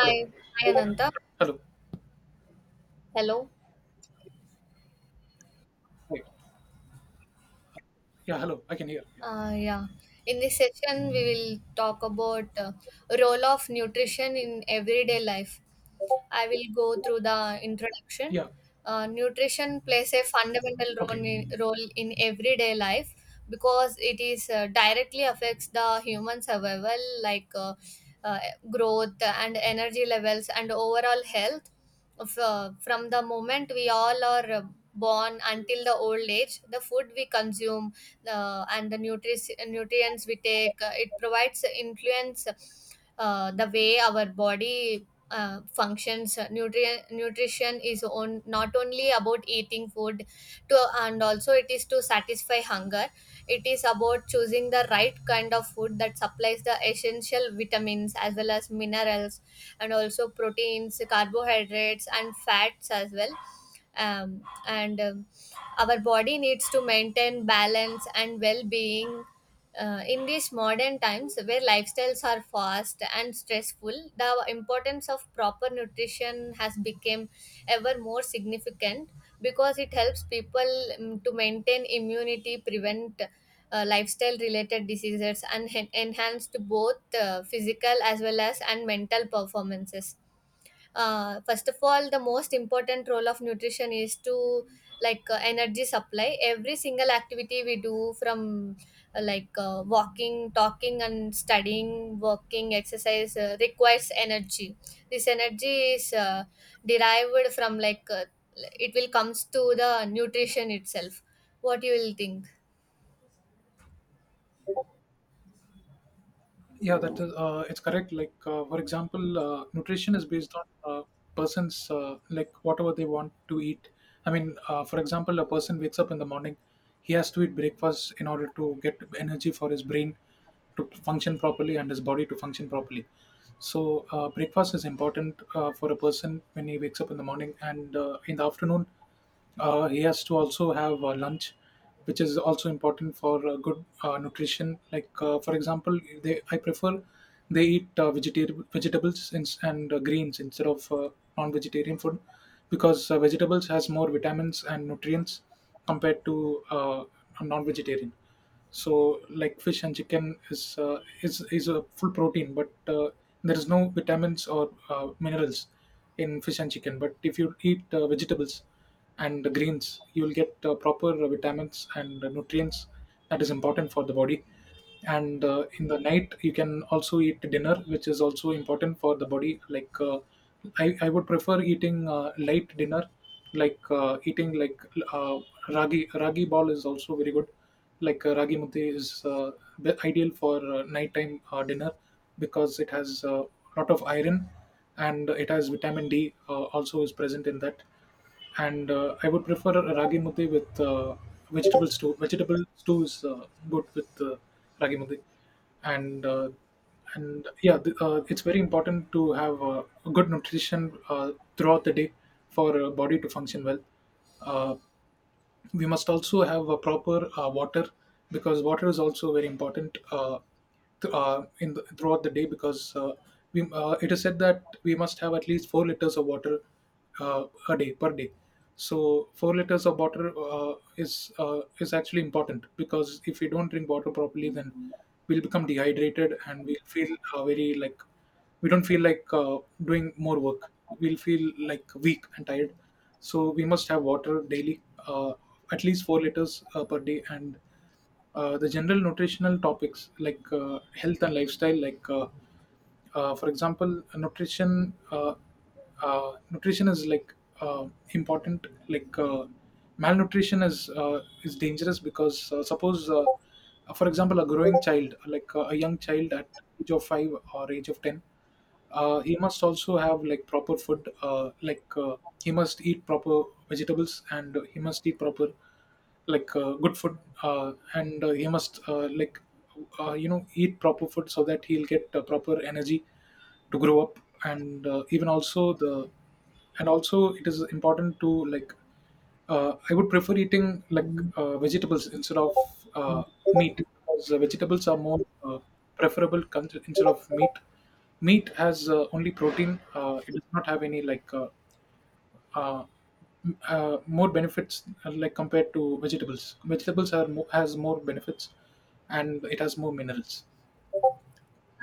Hi, Hello. hi Ananta. Hello. Hello. Right. Yeah, hello. I can hear. Yeah. Uh, yeah. In this session, we will talk about role of nutrition in everyday life. I will go through the introduction. Yeah. Nutrition plays a fundamental Okay. Role in everyday life because it is directly affects the human survival, like uh, growth and energy levels and overall health. From the moment we all are born until the old age, the food we consume and the nutrients we take, it provides, influence the way our body functions. Nutrition is on not only about eating food to and also it is to satisfy hunger, it is about choosing the right kind of food that supplies the essential vitamins as well as minerals, and also proteins, carbohydrates and fats as well. Um, and Our body needs to maintain balance and well-being. In these modern times where lifestyles are fast and stressful, the importance of proper nutrition has become ever more significant because it helps people to maintain immunity, prevent lifestyle related diseases, and enhanced both physical as well as and mental performances. First of all, the most important role of nutrition is to, like energy supply. Every single activity we do, from walking, talking and studying, working, exercise, requires energy. This energy is, derived from, it will comes to the nutrition itself. What you will think? Yeah, that is, it's correct. For example, nutrition is based on uh, person's, whatever they want to eat. For example, a person wakes up in the morning, he has to eat breakfast in order to get energy for his brain to function properly and his body to function properly. So breakfast is important for a person when he wakes up in the morning, and in the afternoon, he has to also have lunch, which is also important for good nutrition. For example, they I prefer they eat vegetarian vegetables ins- and greens instead of non-vegetarian food because vegetables has more vitamins and nutrients compared to non-vegetarian, so like fish and chicken is a full protein, but there is no vitamins or minerals in fish and chicken. But if you eat vegetables and greens, you'll get proper vitamins and nutrients that is important for the body. And in the night you can also eat dinner, which is also important for the body. I would prefer eating light dinner, like eating like uh, ragi ball is also very good. Ragi muthi is the ideal for nighttime dinner because it has a lot of iron and it has vitamin D also is present in that. And I would prefer ragi muthi with vegetable stew. Vegetable stew is good with ragi muthi, and uh, and it's very important to have good nutrition throughout the day for body to function well. Uh, we must also have a proper water because water is also very important, in the, throughout the day, because it is said that we must have at least 4 liters of water a day per day. So 4 liters of water is actually important, because if we don't drink water properly, then we'll become dehydrated and we'll feel very like we don't feel like doing more work. We'll feel like weak and tired, so we must have water daily uh, at least 4 liters per day. And the general nutritional topics like health and lifestyle, for example, uh, nutrition is like important. Malnutrition is dangerous because suppose, for example, a growing child, a young child at age of 5 or age of 10, he must also have like proper food. He must eat proper vegetables and he must eat proper, good food, and he must eat proper food so that he'll get proper energy to grow up. And even also the, and also it is important to like I would prefer eating like vegetables instead of uh, meat, because vegetables are more preferable instead of meat. Meat has only protein, it does not have any uh, more benefits like compared to vegetables. Vegetables has more benefits and it has more minerals.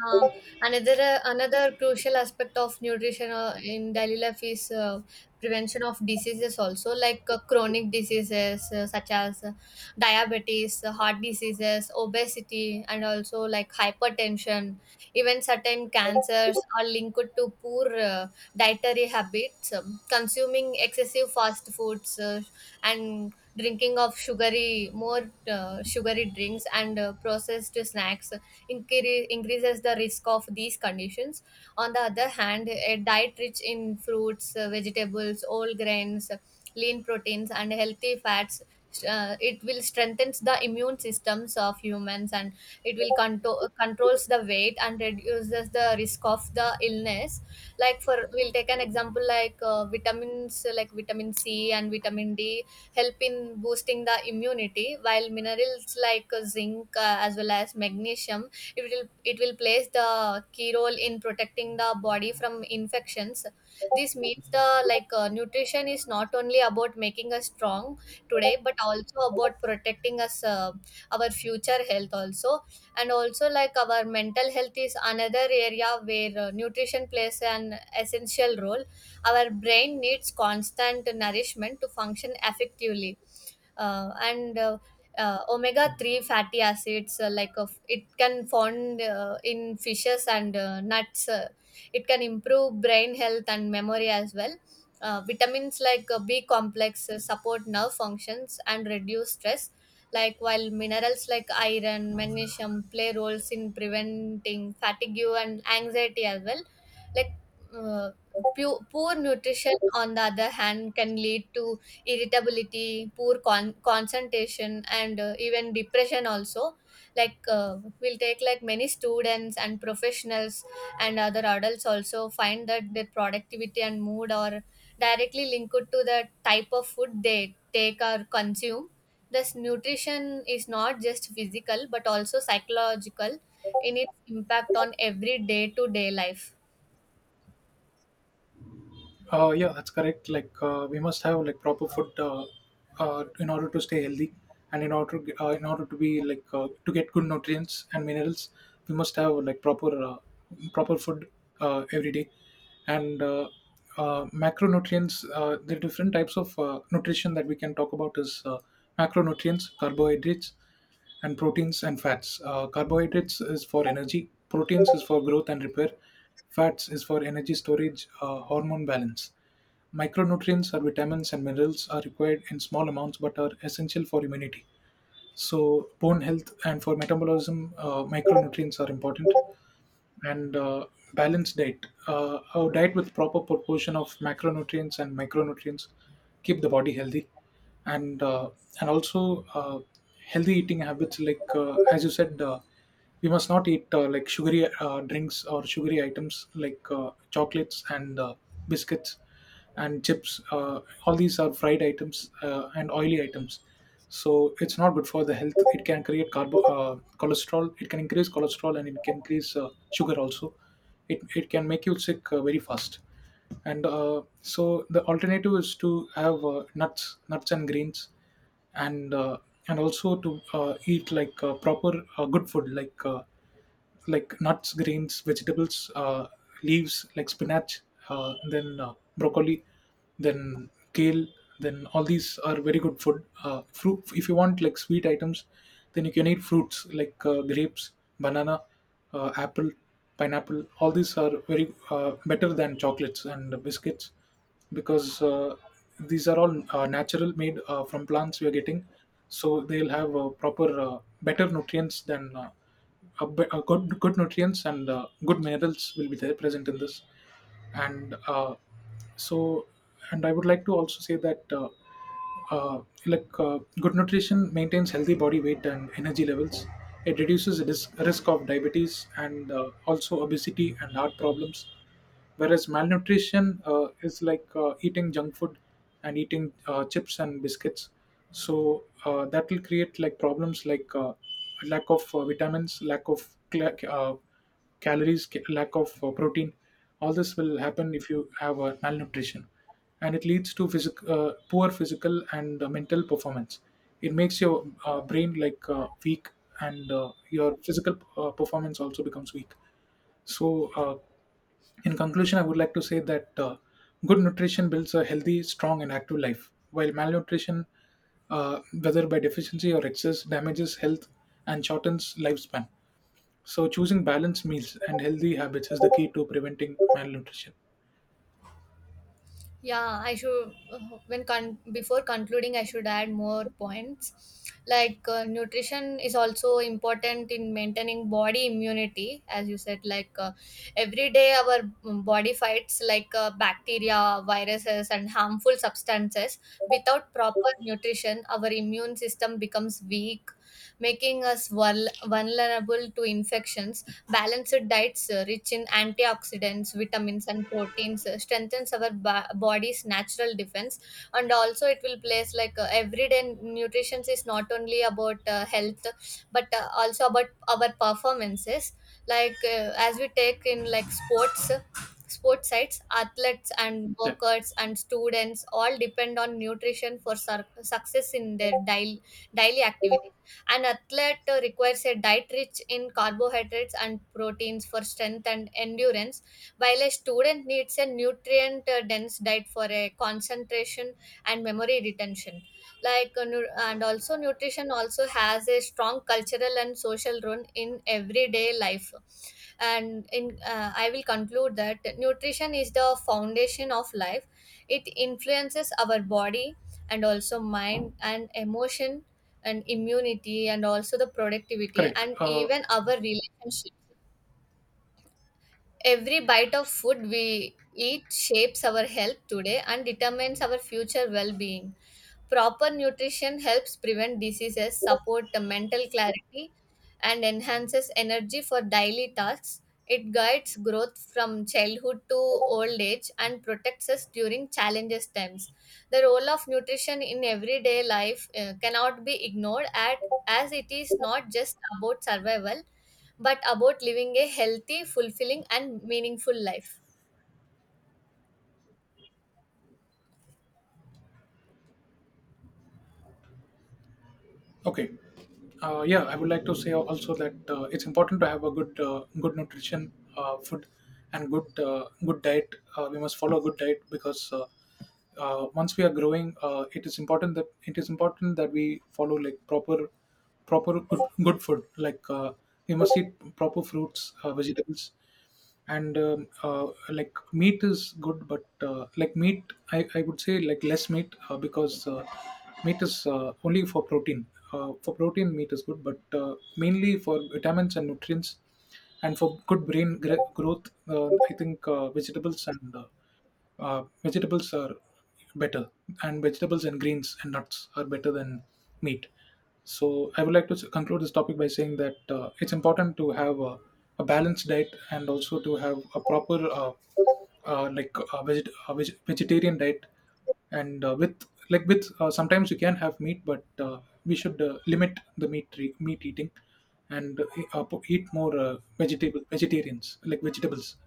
Uh, another another crucial aspect of nutrition in daily life is prevention of diseases also, like chronic diseases such as diabetes, heart diseases, obesity, and also like hypertension. Even certain cancers are linked to poor dietary habits. Consuming excessive fast foods and drinking of sugary drinks and processed snacks increases the risk of these conditions. On the other hand, a diet rich in fruits, vegetables, whole grains, lean proteins, and healthy fats. It will strengthen the immune systems of humans, and it will controls the weight and reduces the risk of the illness. Like, for we'll take an example like, vitamins like vitamin C and vitamin D help in boosting the immunity, while minerals like zinc as well as magnesium, it will plays the key role in protecting the body from infections. This means the, like nutrition is not only about making us strong today, but also about protecting us, our future health also. And also, like our mental health is another area where nutrition plays an essential role. Our brain needs constant nourishment to function effectively. And Omega 3 fatty acids, like of it can found in fishes and nuts, it can improve brain health and memory as well. Vitamins like B complex support nerve functions and reduce stress, like while minerals like iron, magnesium play roles in preventing fatigue and anxiety as well. like uh, Poor nutrition, on the other hand, can lead to irritability, concentration, and even depression also. Like, we'll take, like many students and professionals and other adults also find that their productivity and mood are directly linked to the type of food they take or consume. Thus, nutrition is not just physical but also psychological in its impact on every day to day life. Yeah, that's correct. We must have like proper food, in order to stay healthy, and in order to be to get good nutrients and minerals, we must have like proper food every day. And Macronutrients, the different types of nutrition that we can talk about is macronutrients, carbohydrates and proteins and fats. Carbohydrates is for energy, proteins is for growth and repair, fats is for energy storage, hormone balance. Micronutrients or vitamins and minerals are required in small amounts but are essential for immunity, so bone health and for metabolism. Micronutrients are important, and balanced diet. A diet with proper proportion of macronutrients and micronutrients keep the body healthy, and uh, and also healthy eating habits. As you said, we must not eat like sugary drinks or sugary items like chocolates and biscuits and chips. All these are fried items and oily items. So it's not good for the health. It can create carbo cholesterol. It can increase cholesterol and it can increase sugar also. It can make you sick very fast. And so the alternative is to have nuts and greens, and and also to eat like proper good food, like nuts, grains, vegetables, leaves like spinach, then broccoli, then kale. Then all these are very good food. Fruit, if you want like sweet items, then you can eat fruits like grapes, banana, apple, pineapple. All these are very better than chocolates and biscuits, because these are all natural made from plants we are getting, so they'll have proper better nutrients than a, be- a good nutrients and good minerals will be there present in this. and uh, so and I would like to also say that good nutrition maintains healthy body weight and energy levels. It reduces the risk of diabetes and also obesity and heart problems. Whereas malnutrition is like eating junk food and eating chips and biscuits. So that will create like problems like lack of vitamins, calories, lack of protein. All this will happen if you have malnutrition, and it leads to poor physical and mental performance. It makes your brain like weak, and your physical performance also becomes weak. So, in conclusion, I would like to say that good nutrition builds a healthy, strong, and active life, while malnutrition, whether by deficiency or excess, damages health and shortens lifespan. So, choosing balanced meals and healthy habits is the key to preventing malnutrition. Yeah, I should, before concluding, I should add more points. Like, nutrition is also important in maintaining body immunity, as you said. Like, every day, our body fights like bacteria, viruses, and harmful substances. Without proper nutrition, our immune system becomes weak, making us vulnerable to infections. Balanced diets rich in antioxidants, vitamins, and proteins strengthens our body's natural defense. And also, it will place like, everyday nutrition is not only about health, but also about our performances. Like, as we take in like sports. Sports sites, athletes and Yeah, workers and students all depend on nutrition for success in their daily activities. An athlete requires a diet rich in carbohydrates and proteins for strength and endurance, while a student needs a nutrient dense diet for a concentration and memory retention. And also, nutrition also has a strong cultural and social role in everyday life. And in, I will conclude that nutrition is the foundation of life. It influences our body and also mind and emotion and immunity and also the productivity, correct. and even our relationship. Every bite of food we eat shapes our health today and determines our future well being. Proper nutrition helps prevent diseases, support the mental clarity, and enhances energy for daily tasks. It guides growth from childhood to old age and protects us during challenges times. The role of nutrition in everyday life cannot be ignored at, as it is not just about survival but about living a healthy, fulfilling, and meaningful life. Okay. Yeah, I would like to say also that it's important to have a good, good nutrition, food, and good, good diet. We must follow a good diet, because once we are growing, it is important that, it is important that we follow like proper, proper good, good food. We must eat proper fruits, vegetables, and like meat is good, but like meat, I would say like less meat, because meat is only for protein. For protein, meat is good, but mainly for vitamins and nutrients and for good brain growth, I think vegetables and vegetables are better, and vegetables and greens and nuts are better than meat. So I would like to conclude this topic by saying that it's important to have a balanced diet and also to have a proper vegetarian diet, and with like with sometimes you can have meat, but we should limit the meat eating, and eat more vegetable vegetarians, like vegetables.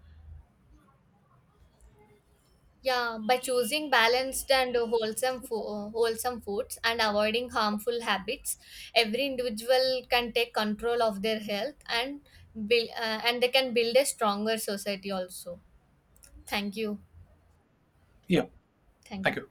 Yeah, by choosing balanced and wholesome wholesome foods and avoiding harmful habits, every individual can take control of their health and and they can build a stronger society also. Thank you. Yeah, Thank you. thank you.